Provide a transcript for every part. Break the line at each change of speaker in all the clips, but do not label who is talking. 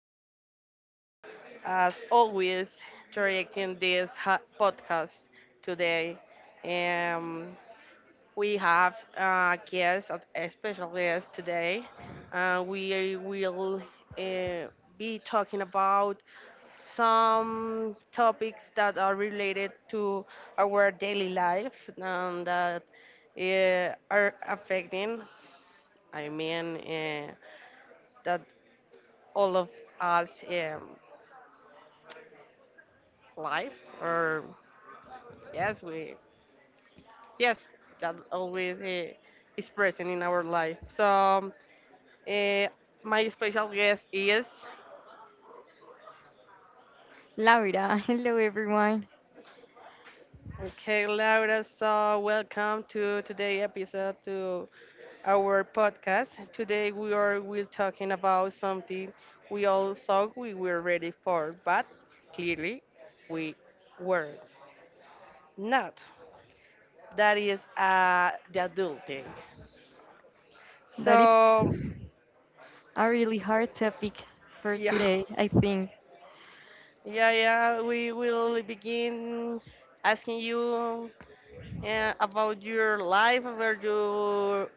Gonzalez, as always, directing this podcast today. Um, we have a guest, a special guest today. We will uh, be talking about some topics that are related to our daily life and that are affecting I mean uh, that all of us life or yes we yes that always is present in our life. So uh, my special guest is
Laura, hello everyone.
okay Laura. So welcome to today episode to our podcast. Today we are will talking about something we all thought we were ready for, but clearly we were not. That is the adult thing.
That it's
So
a really hard topic for
yeah,
today, I think.
yeah. We will begin asking you about your life, about your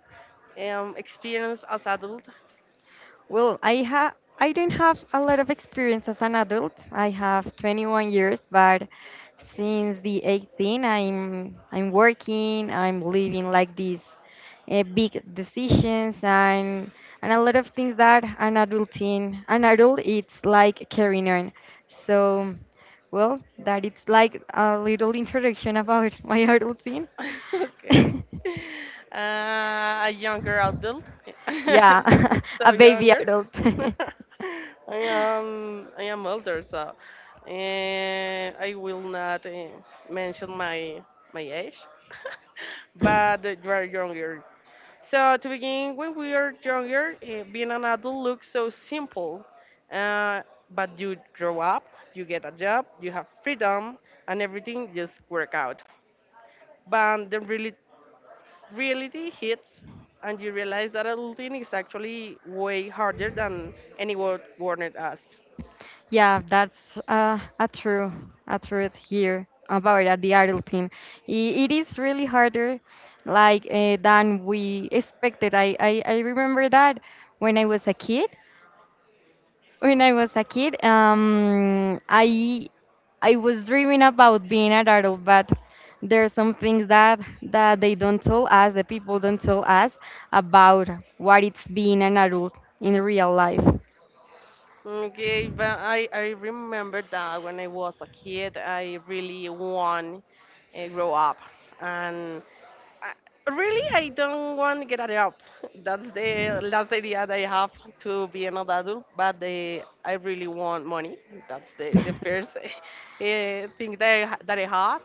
experience as adult.
Well, I don't have a lot of experience as an adult. I have 21 years, but since the 18, I'm working, I'm living like these big decisions and a lot of things that an adult in an adult it's like carrying on. So, well, that it's like a little introduction about my adult teen.
Okay. A younger adult.
Yeah,
So
a baby
younger.
adult.
I am older, so I will not mention my age. But you are younger. So to begin, when we are younger, being an adult looks so simple. Uh, but you grow up, you get a job, you have freedom, and everything just work out. But the reality hits and you realize that adulting is actually way harder than anyone warned us.
Yeah, that's a true, a truth here about the adulting. I- It is really harder, like than we expected. I remember that when I was a kid. When I was a kid, I was dreaming about being an adult, but there are some things that they don't tell us, the people don't tell us about what it's being an adult in real life.
Okay, but I remember that when I was a kid, I really want to grow up. And I- really I don't want to get a job. That's the last idea that I have to be an adult, but the, I really want money. That's the first thing that that I have.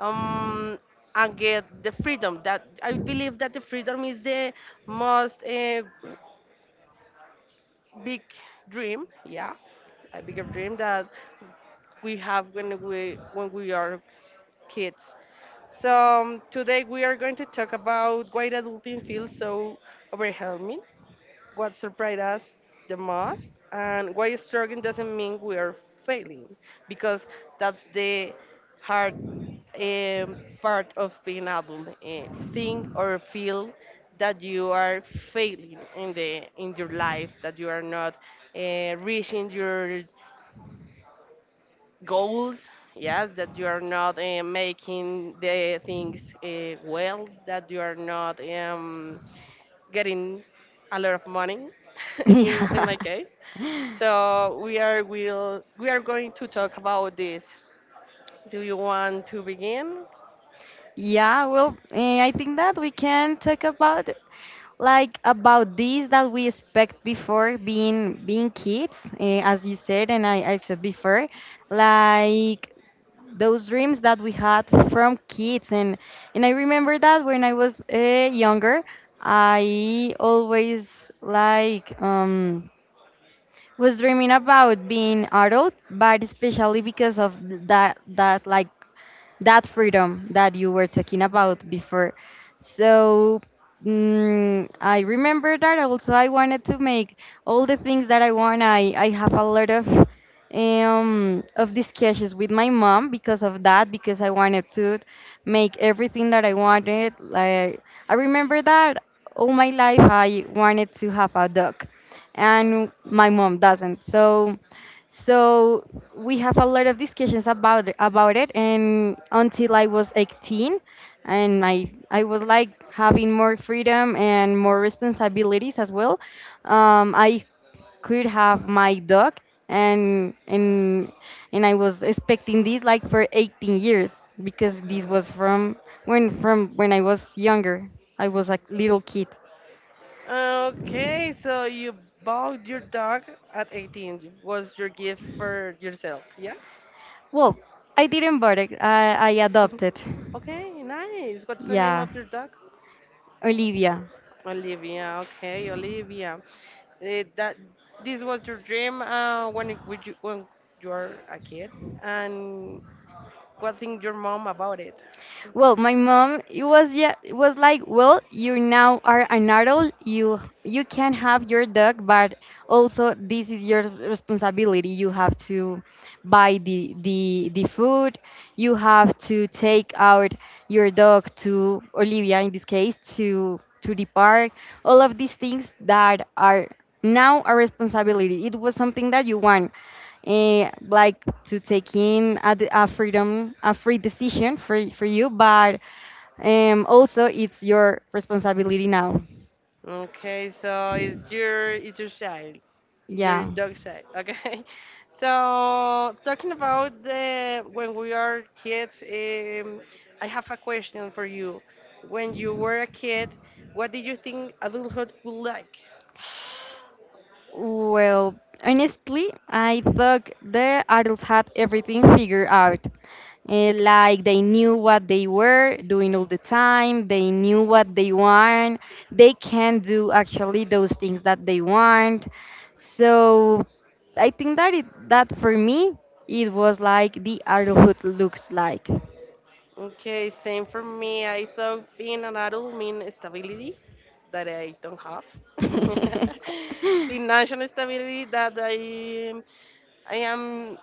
um, and get the freedom, that I believe that the freedom is the most big dream. Yeah, a bigger dream that we have when we are kids. So today we are going to talk about why adulting feels so overwhelming, what surprised us the most, and why struggling doesn't mean we are failing, because that's the hard part of being adult. Think or feel that you are failing in the in your life, that you are not reaching your goals. Yes, that you are not making the things well, that you are not getting a lot of money in
Yeah.
my case. So we are will we are going to talk about this. Do you want to begin?
Yeah, well, I think that we can talk about like about this that we expect before being kids, as you said, and I said before, like those dreams that we had from kids, and I remember that when I was younger, I always like was dreaming about being adult, but especially because of that like that freedom that you were talking about before. So I remember that also I wanted to make all the things that I want. I have a lot of discussions with my mom because of that because I wanted to make everything that I wanted. Like I remember that all my life I wanted to have a dog and my mom doesn't. So we have a lot of discussions about it, and until I was 18, and I was like having more freedom and more responsibilities as well. I could have my dog, and and I was expecting this like for 18 years because
Okay.
this was from when I was younger. I was a little kid.
Okay, so you bought your dog at 18. Was your gift for yourself? Yeah.
Well, I didn't buy it. I adopted.
Okay, nice. What's the name
Yeah,
of your dog?
Olivia.
Olivia, okay, Olivia. Eh, that this was your dream when it, when you were a kid, and what think your mom about it?
Well, my mom it was yeah it was like, well, you now are an adult. You can have your dog, but also this is your responsibility. You have to buy the food. You have to take out your dog to Olivia in this case to the park. All of these things that are now a responsibility. It was something that you want like to take in a, d- a freedom, a free decision for you, but also it's your responsibility now.
Okay, so it's your, it's your child, your
Yeah.
dog child. Okay, so talking about the when we are kids, I have a question for you. When you were a kid, what did you think adulthood would like?
Well, honestly, I thought the adults had everything figured out. Like they knew what they were doing all the time they knew what they want they can do actually those things that they want so I think that it that for me it was like the adulthood looks like
Okay, same for me. I thought being an adult mean stability that I don't have. Financial stability that I am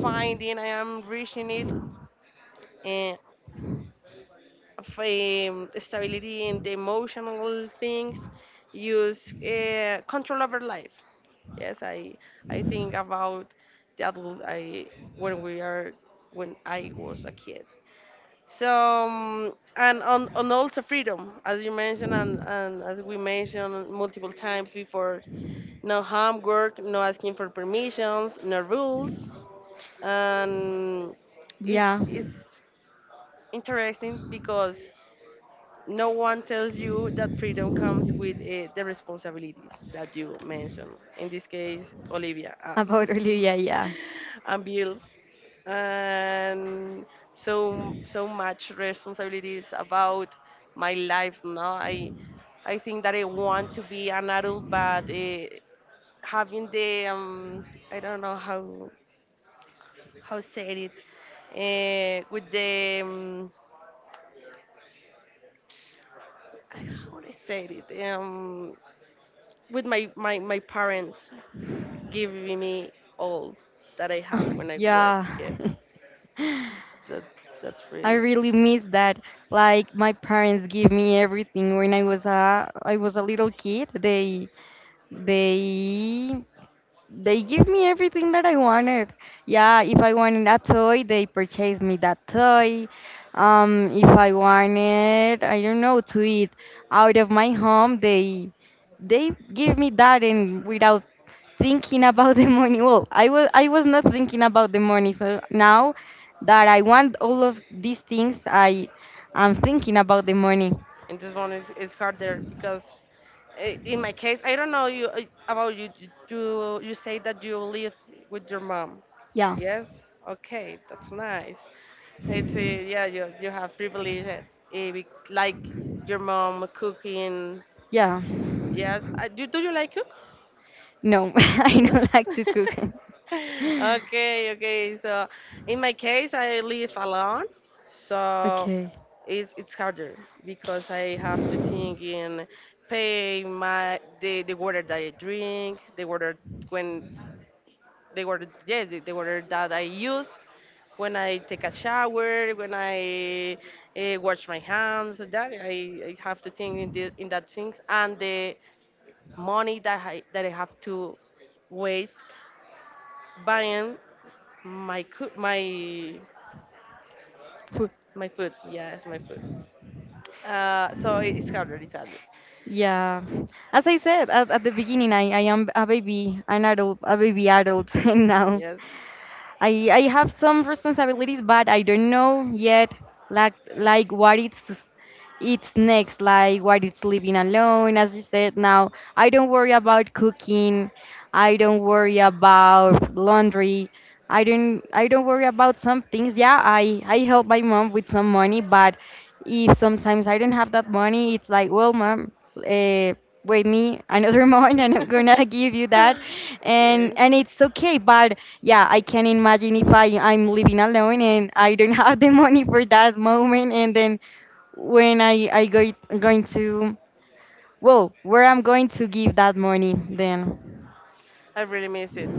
finding, I am reaching it, and stability in the emotional things, use control over life. Yes, I think about the adult I when we are when I was a kid. So and on also freedom, as you mentioned and as we mentioned multiple times before, no homework, no asking for permissions, no rules, and it's
yeah
it's interesting because no one tells you that freedom comes with the responsibilities that you mentioned. In this case, Olivia. Ah.
about olivia yeah
And bills and so so much responsibilities about my life. No, I I think that I want to be an adult, but having the I don't know how said it with the how would I say it with my my parents giving me all that I have
Oh,
when I was
yeah
a kid. That that's
I
really.
really miss that. Like my parents give me everything when I was a little kid. They they give me everything that I wanted. Yeah, if I wanted a toy, they purchased me that toy. If I wanted, I don't know, to eat out of my home, they give me that and without thinking about the money. Well, I was not thinking about the money. So now that I want all of these things, I am thinking about the money.
And this one is harder because in my case I don't know you about you. You say that you live with your mom.
Yeah,
Yes, okay, that's nice. It's yeah, you have privileges, like your mom cooking.
yeah.
Yes. Do you like cook?
No, I
No?
don't like to cook.
Okay, okay. So in my case, I live alone, so
Okay.
it's harder because I have to think in pay my the water that I drink, the water when the water, yeah, the water that I use when I take a shower, when I wash my hands. That I have to think in the, in that things and the money that I have to waste buying my
Fu-
my food. Yes, my food. So it- it's harder. It's harder.
Yeah. As I said at the beginning, I am a baby, an adult, a baby adult, and now
Yes.
I have some responsibilities, but I don't know yet like what it's next, like what it's living alone, as you said. Now, I don't worry about cooking. I don't worry about laundry. I don't worry about some things. Yeah, I help my mom with some money, but if sometimes I don't have that money, it's like, well, mom, wait me another month, and I'm gonna give you that,
Okay.
and it's okay. But yeah, I can imagine if I'm living alone and I don't have the money for that moment, and then when I go going to well where I'm going to give that money then.
I really miss it.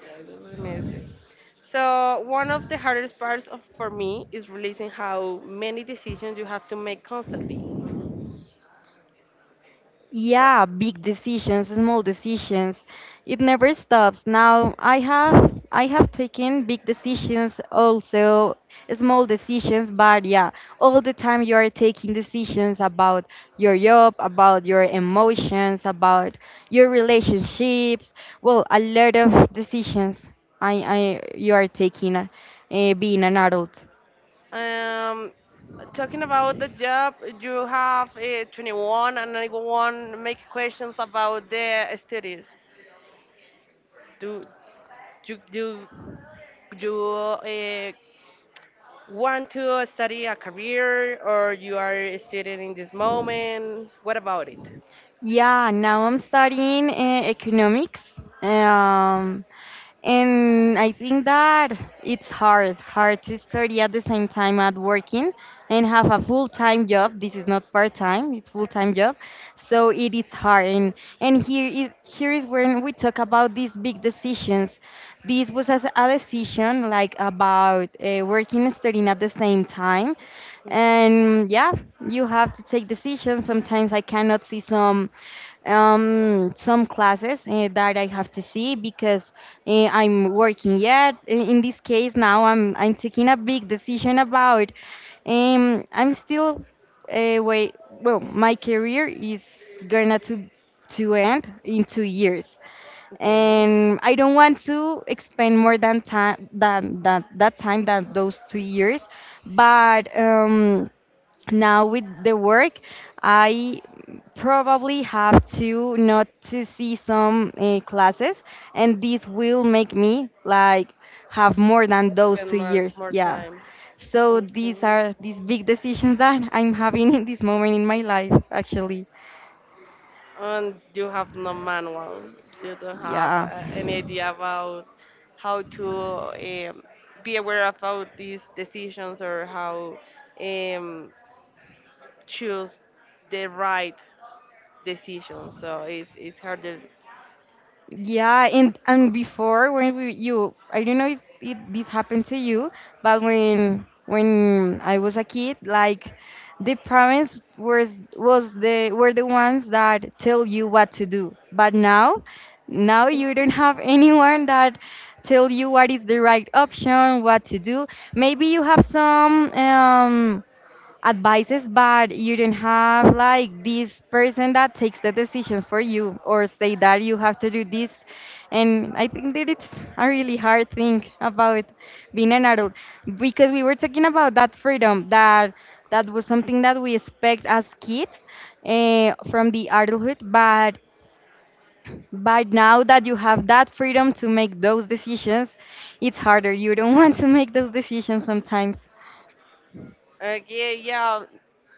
Yes, I really miss it. So one of the hardest parts of, for me is realizing how many decisions you have to make constantly. So,
Yeah, big decisions, small decisions. It never stops. Now I have taken big decisions also small decisions but yeah all the time you are taking decisions about your job about your emotions about your relationships well a lot of decisions I you are taking being an adult
um, talking about the job, you have 21 and I go make questions about the studies. Do do you uh, want to study a career, or you are a student in this moment? What about it?
Yeah, now I'm studying economics, um, and I think that it's hard to study at the same time at working and have a full-time job. This is not part-time; it's full-time job, so it is hard. And here is when we talk about these big decisions. This was as a decision like about working and studying at the same time, and yeah, you have to take decisions. Sometimes I cannot see some classes that I have to see because I'm working yet. In this case, now I'm taking a big decision about. I'm still wait. Well, my career is gonna to end in 2 years,
Okay.
and I don't want to expend more than time than that time than those 2 years. But now with the work I probably have to not to see some classes and this will make me like have more than those
Spend
two
more,
years
more
yeah
time.
so
Okay.
these are these big decisions that I'm having in this moment in my life actually
And you have no manual. You don't have
yeah
any idea about how to be aware about these decisions or how um, choose the right decision. So it's harder.
Yeah, and before when we you I don't know if it, this happened to you, but when I was a kid, like the parents were was the were the ones that tell you what to do. But now, now you don't have anyone that tell you what is the right option, what to do. Maybe you have some advice is bad you don't have like this person that takes the decisions for you or say that you have to do this and I think that it's a really hard thing about being an adult because we were talking about that freedom that was something that we expect as kids from the adulthood but now that you have that freedom to make those decisions it's harder you don't want to make those decisions sometimes
Okay, yeah. Yeah,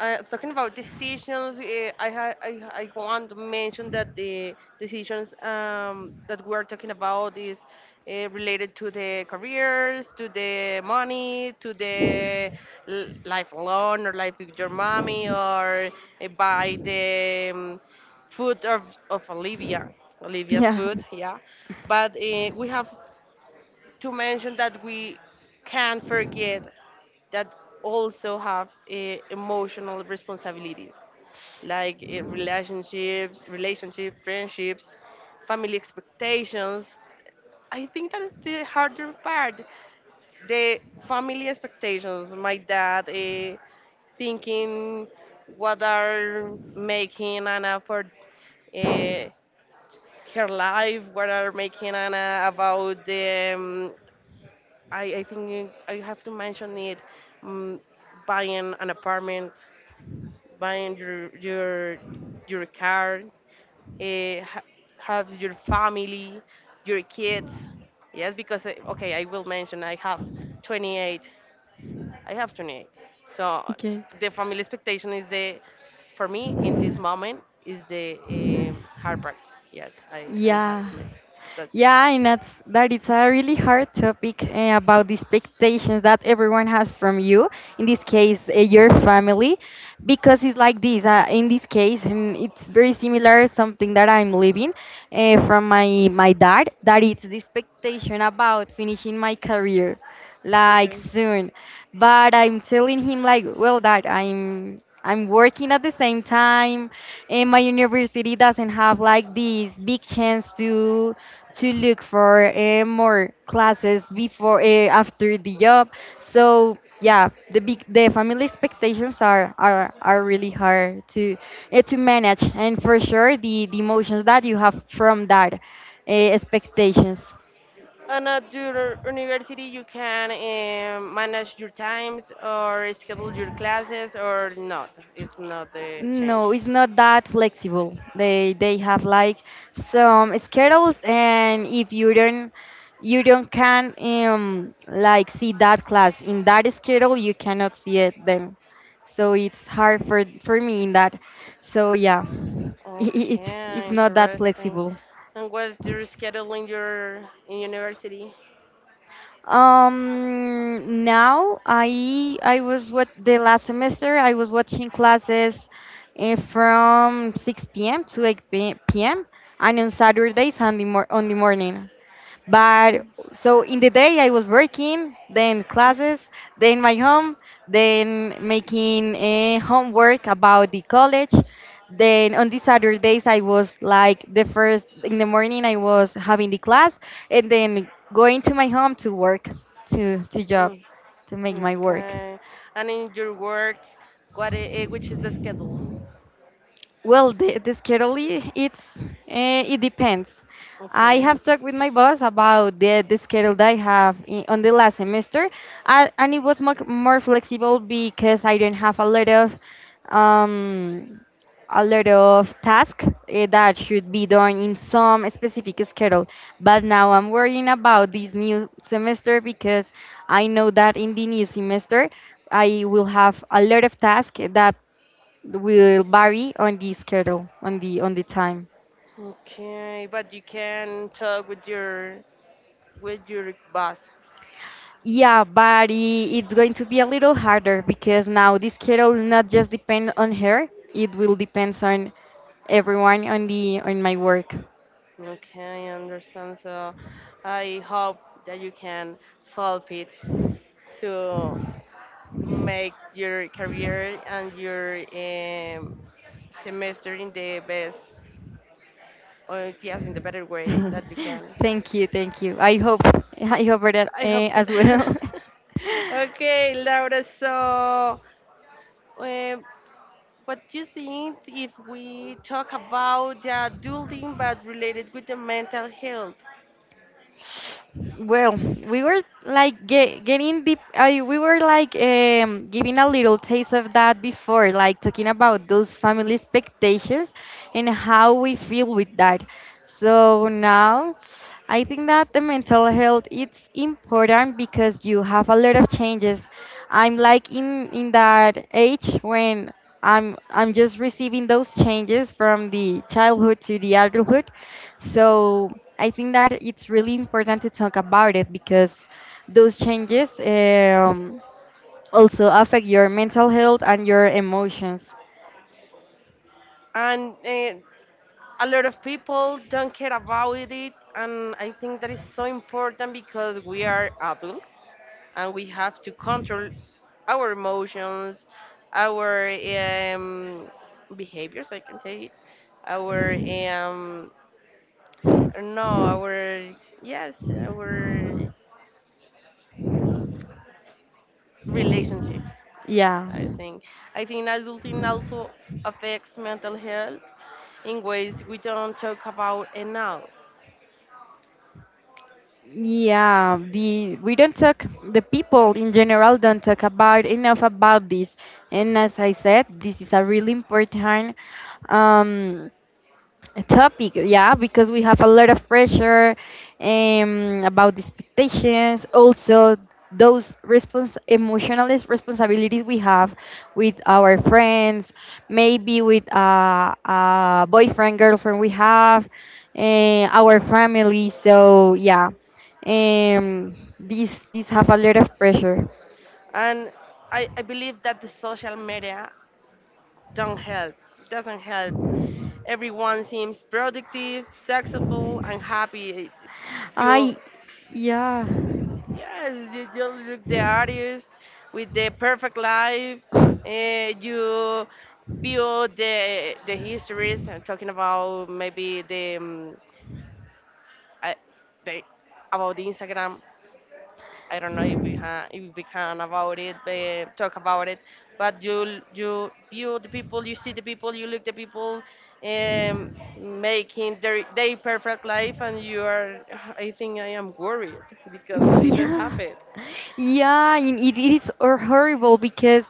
Talking about decisions, I want to mention that the decisions that we're talking about is related to the careers, to the money, to the life alone or life with your mommy, or buy the food of Olivia, Olivia's
yeah
food, yeah. But we have to mention that we can't forget that also have emotional responsibilities like relationships, friendships, family expectations. I think that is the harder part, the family expectations. My dad thinking what are making anna for uh, her life, what are making anna about the I think I have to mention it. Um, buying an apartment, buying your your car, uh, ha- have your family, your kids. Yes, because okay, I will mention I have 28. I have 28. So
okay
the family expectation is the, for me in this moment is the hard part. Yes, I have
yeah
to mention because
Yeah, and that's that it's a really hard topic about the expectations that everyone has from you. In this case, your family, because it's like this. In this case, and it's very similar something that I'm living from my dad. That it's the expectation about finishing my career, like
okay.
soon. But I'm telling him like, well, dad, I'm working at the same time and my university doesn't have like this big chance to look for more classes before after the job. So yeah, the family expectations are are really hard to manage, and for sure the emotions that you have from that uh, expectations.
And at your university, you can manage your times or schedule your classes or not. It's not the change.
No, it's not that flexible. They have like some schedules, and if you don't you don't can like see that class in that schedule, you cannot see it then. So it's hard for me in that. So yeah, I-
Okay,
it's not that
interesting.
flexible.
And what's your schedule in your in university?
Now I was what the last semester I was watching classes from 6 p.m. to 8 p.m. and on Saturdays on the morning. But so in the day I was working, then classes, then my home, then making homework about the college. Then on the Saturdays I was like the first in the morning I was having the class and then going to my home to work, to job,
Mm,
to make my work.
okay. And in your work, which is the schedule?
Well, the schedule I- it's it depends. I
Okay.
have talked with my boss about the schedule that I have I on the last semester, and it was much more flexible because I didn't have um, a lot of tasks that should be done in some specific schedule. But now I'm worrying about this new semester because I know that in the new semester I will have a lot of tasks that will vary on the schedule on the time.
Okay, but you can talk with your boss.
Yeah, but it's going to be a little harder because now this schedule will not just depend on her. It will depend on everyone on my work.
Okay, I understand. So I hope that you can solve it to make your career and your semester in the best, or yes, in the better way that you can.
Thank you. I hope that
I hope to.
as well.
Okay, Laura. So, um, what do you think if we talk about the adulting but related with the mental health?
Well, we were like ge getting deep. I We were like giving a little taste of that before, like talking about those family expectations and how we feel with that. So now, I think that the mental health it's important because you have a lot of changes. I'm like in that age when I'm just receiving those changes from the childhood to the adulthood, so I think that it's really important to talk about it because those changes also affect your mental health and your emotions.
And a lot of people don't care about it, and I think that is so important because we are adults and we have to control our emotions, our behaviors I can say it, our um no our yes our relationships.
Yeah.
i think I think adulting also affects mental health in ways we don't talk about enough.
Yeah, the we don't talk, the people in general don't talk about enough about this. And as I said, this is a really important um a topic, yeah, because we have a lot of pressure about the expectations, also those emotional responsibilities we have with our friends, maybe with a boyfriend girlfriend we have, our family, so yeah, um, these have a lot of pressure.
And I believe that the social media don't help doesn't help. Everyone seems productive, successful and happy. you
I Yeah.
yes you you look the artist with the perfect life. You view the histories and talking about maybe the, I, the about the instagram. I don't know if we can about it, talk about it. But you view the people, you see the people, you look the people, um, making their perfect life, and you are. I think I am worried because I don't have
Yeah.
it.
Yeah, and it is horrible because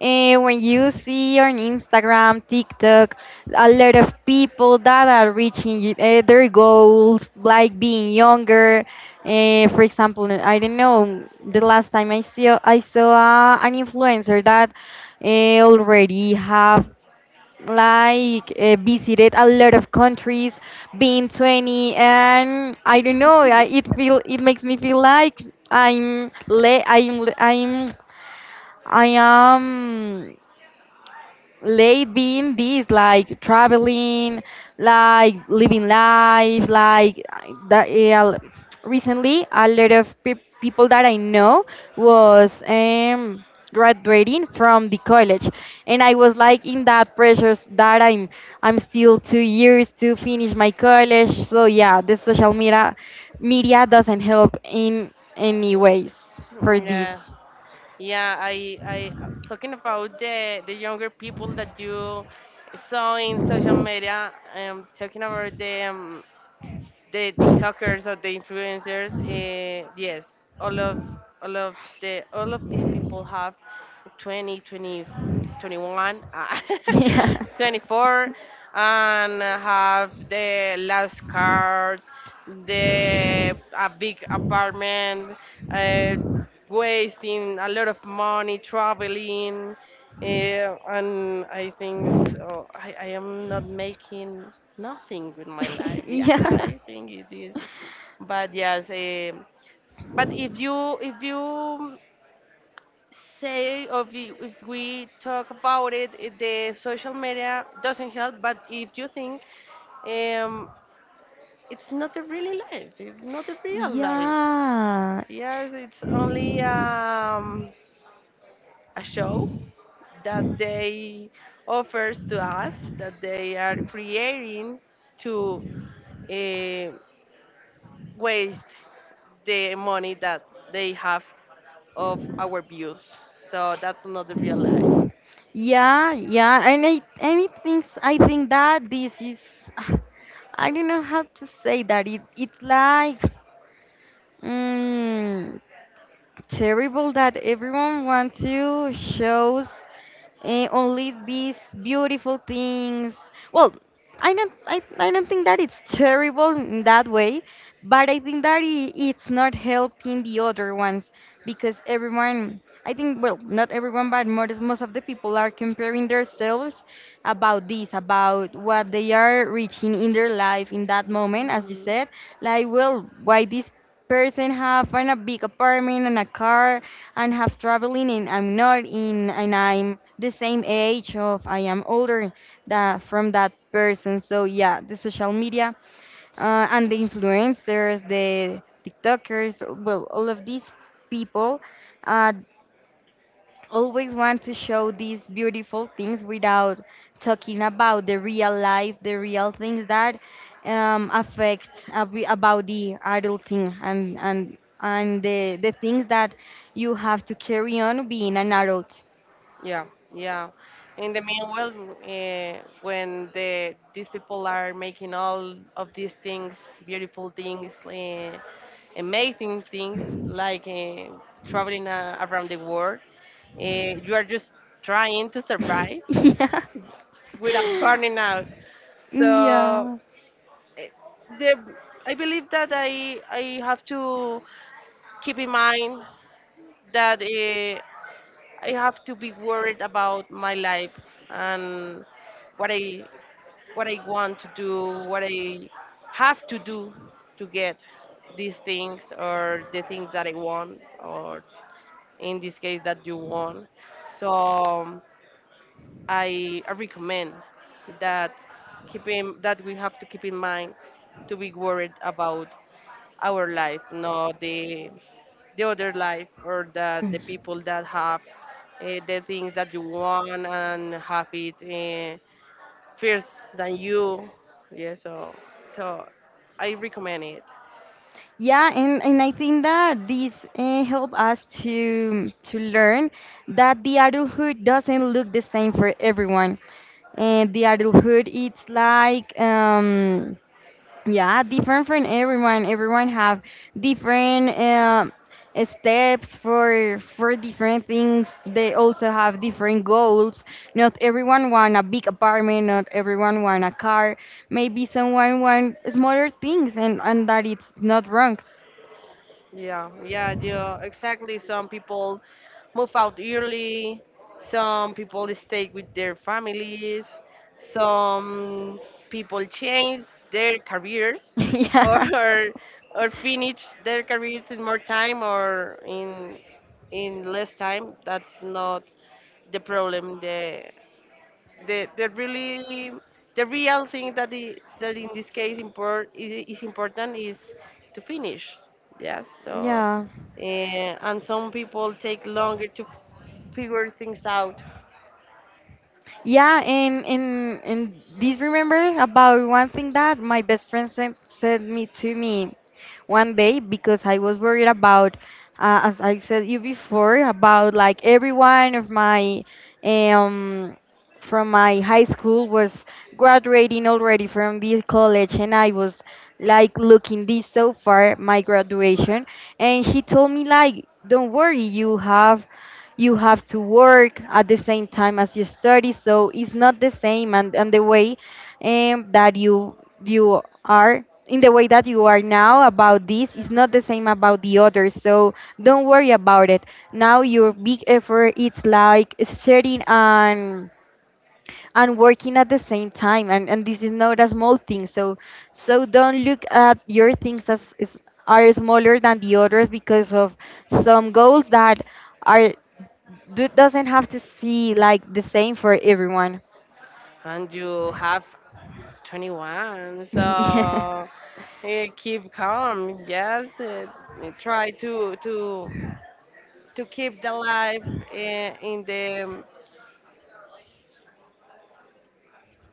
when you see on Instagram, TikTok, a lot of people that are reaching their goals, like being younger. For example, I don't know, the last time I saw an influencer that already have like visited a lot of countries being 20, and I don't know it feel it makes me feel like I'm I am late being this like traveling, like living life like that. Yeah, recently a lot of people that I know was graduating from the college, and I was like in that pressure that i'm still 2 years to finish my college. So yeah, the social media doesn't help in any ways for this.
Yeah. Yeah, yeah. I talking about the younger people that you saw in social media. Talking about them. The TikTokers or the influencers, yes, all of all of these people have 20, 20, 21,
Have 20, 21,
24, and have the last car, the a big apartment. Uh, wasting a lot of money traveling, and I think so. I am not making nothing with my life. Yeah,
yeah.
I think it is. But yes, but if you say, or if we talk about it, it, the social media doesn't help. But if you think um, it's not a really life. It's not a real life.
Yeah,
Yes, it's only a show that they offers to us, that they are creating to uh, waste the money that they have of our views. So that's not the real life.
yeah, and I and it thinks I think that this is I don't know how to say that it's like mm, terrible that everyone wants to shows only these beautiful things. Well, I don't think that it's terrible in that way, but I think that it's not helping the other ones because everyone, I think, well, not everyone, but most of the people are comparing themselves about this, about what they are reaching in their life in that moment, as you
Mhm.
said. Like, well, why this person have a big apartment and a car and have traveling, and I'm not in, and I'm the same age of I am older that from that person. So yeah, the social media and the influencers, the TikTokers, well, all of these people uh, always want to show these beautiful things without talking about the real life, the real things that affect about the adulting and the things that you have to carry on being an adult.
Yeah, yeah. In the meanwhile, when these people are making all of these things, beautiful things, amazing things like traveling around the world, you are just trying to survive
Yeah.
without burning out. So,
Yeah.
eh, the, I believe that I have to keep in mind that I have to be worried about my life, and what I, what I want to do, what I have to do to get these things, or the things that I want, or in this case that you want. So I recommend that that we have to keep in mind to be worried about our life, not the other life, or that the people that have the things that you want and have it first than you. Yeah, so so I recommend it.
Yeah, and I think that this help us to learn that the adulthood doesn't look the same for everyone. And the adulthood it's like yeah, different from everyone. Everyone have different steps for different things. They also have different goals. Not everyone want a big apartment. Not everyone want a car. Maybe someone want smaller things, and that it's not wrong.
Yeah, yeah, yeah, exactly. Some people move out early, some people stay with their families, some people change their careers
Yeah.
or or finish their careers in more time or in less time. That's not the problem. The really the real thing that the that in this case is important is to finish, yes. So
Yeah.
and some people take longer to figure things out.
Yeah, and this remember about one thing that my best friend sent me to me one day because I was worried about, as I said you before, about like everyone of my um from my high school was graduating already from this college, and I was like looking this so far my graduation. And she told me like don't worry, you have, you have to work at the same time as you study, so it's not the same. And the way that you are in, the way that you are now about this is not the same about the others, so don't worry about it. Now your big effort it's like studying and working at the same time, and this is not a small thing. So so don't look at your things as are smaller than the others because of some goals that are doesn't have to see like the same for everyone.
And you have 21, so
Yeah.
keep calm, yes. Uh, try to to keep the life in the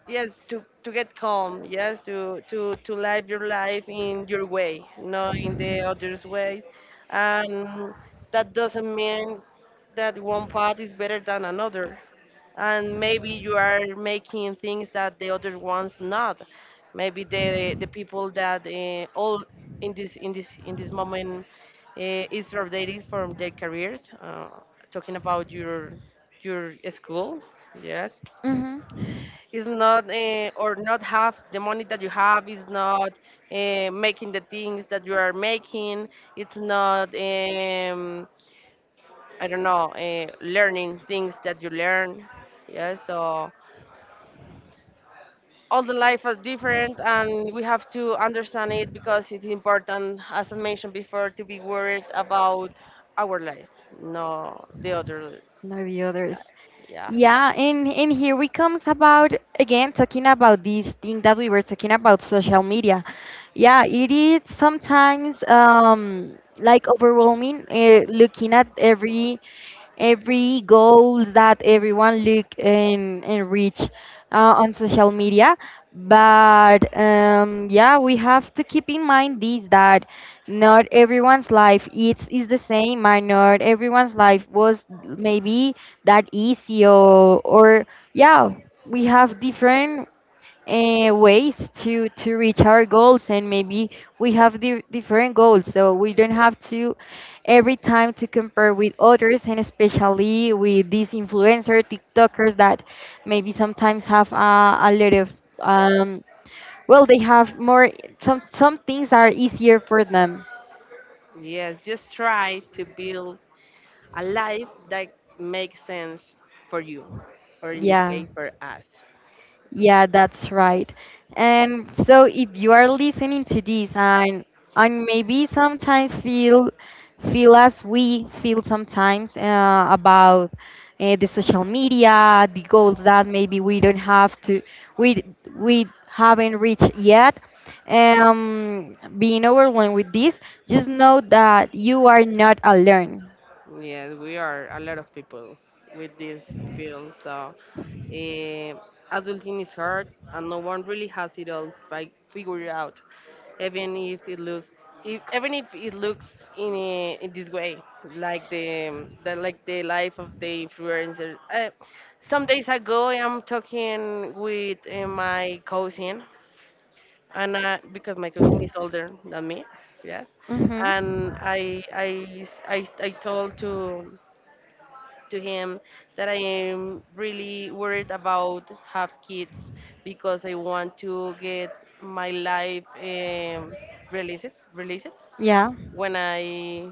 yes, to get calm, yes, to to live your life in your way, not in the others' ways. And that doesn't mean that one path is better than another. And maybe you are making things that the other ones not. Maybe the people that all in this moment is rotating from their careers, talking about your school, yes,
Hmm.
is not, or not have the money that you have, is not, making the things that you are making, it's not, I don't know, learning things that you learn. Yeah, so all the life are different, and we have to understand it, because it's important, as I mentioned before, to be worried about our life, no the other
Not the others.
life. Yeah.
Yeah, and here we comes about again talking about this thing that we were talking about social media. Yeah, it is sometimes like overwhelming looking at every goals that everyone look and reach on social media. But yeah, we have to keep in mind this that not everyone's life is the same, and not everyone's life was maybe that easy, or yeah, we have different ways to reach our goals, and maybe we have di different goals. So we don't have to every time to compare with others, and especially with these influencer tiktokers that maybe sometimes have a lot of um well, they have more, some things are easier for them.
Yes, just try to build a life that makes sense for you, or in this
Yeah.
case, for us.
Yeah, that's right. And so if you are listening to this, and maybe sometimes feel, feel as we feel sometimes about the social media, the goals that maybe we we haven't reached yet. Being overwhelmed with this, just know that you are not alone.
Yes, we are a lot of people with this field. So, eh, adulting is hard, and no one really has it all figured out. Even if it looks, if, even if it looks in, in this way, like the like the life of the influencer. Some days ago, I'm talking with my cousin, and I, because my cousin is older than me, yes,
Mm-hmm.
and I told to him that I am really worried about have kids, because I want to get my life released
Yeah,
when I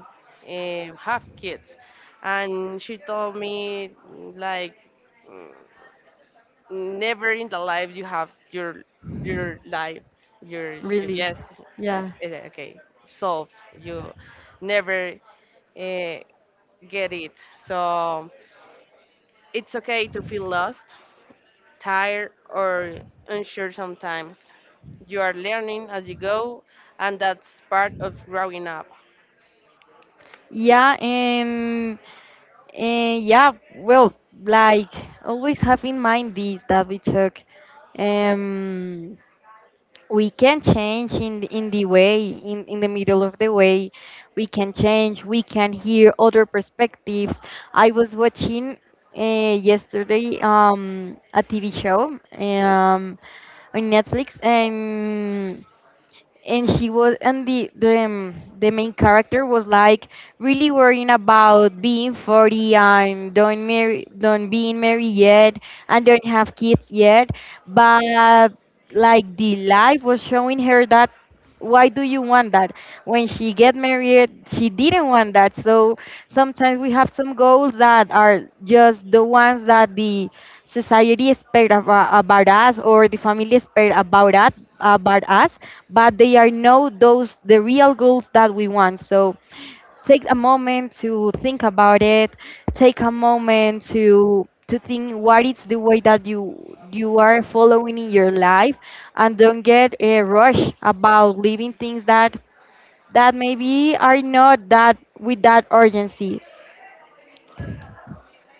have kids. And she told me like, never in the life you have your your life your,
release.
yes.
Yeah.
Eh, okay, solved. You never uh, get it. So it's okay to feel lost, tired, or unsure sometimes. You are learning as you go, and that's part of growing up.
Yeah, and yeah, well, like always have in mind this that we took. Um, we can change in in the way in the middle of the way. We can change. We can hear other perspectives. I was watching yesterday a TV show on Netflix. And she was, and the main character was like really worrying about being 40 and don't marry, don't being married yet and don't have kids yet. But like the life was showing her that why do you want that. When she get married, she didn't want that. So sometimes we have some goals that are just the ones that the society expect about us or the family expect about us about us but they are not those the real goals that we want. So take a moment to think about it. Take a moment to think what is the way that you are following in your life, and don't get a rush about leaving things that that maybe are not that with that urgency.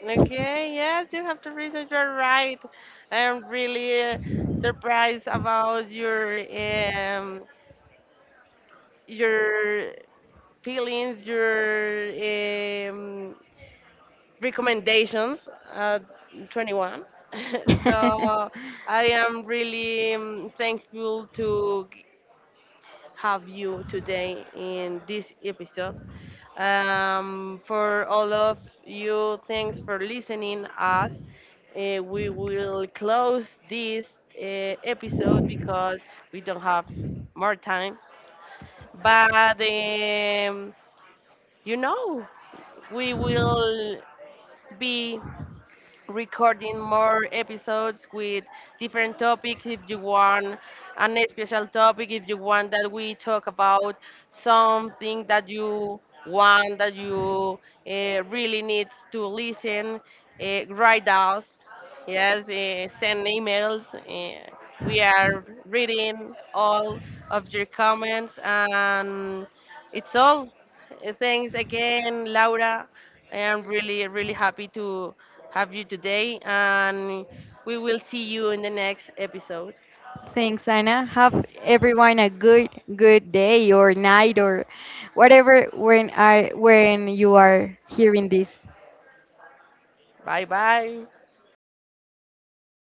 Okay, yes, you have to reason, you're right. I'm really surprised about your your feelings, your recommendations at 21. So I am really thankful to have you today in this episode. For all of you, thanks for listening us. We will close this episode because we don't have more time. But um, you know we will be recording more episodes with different topics. If you want an special topic, if you want that we talk about something that you want, that you really needs to listen, write us, yes. Uh, send emails. We are reading all of your comments, and it's all. Thanks again, Laura. I am really, really happy to have you today, and we will see you in the next episode.
Thanks, Anna. Have everyone a good good day or night or whatever when I when you are hearing this.
Bye bye.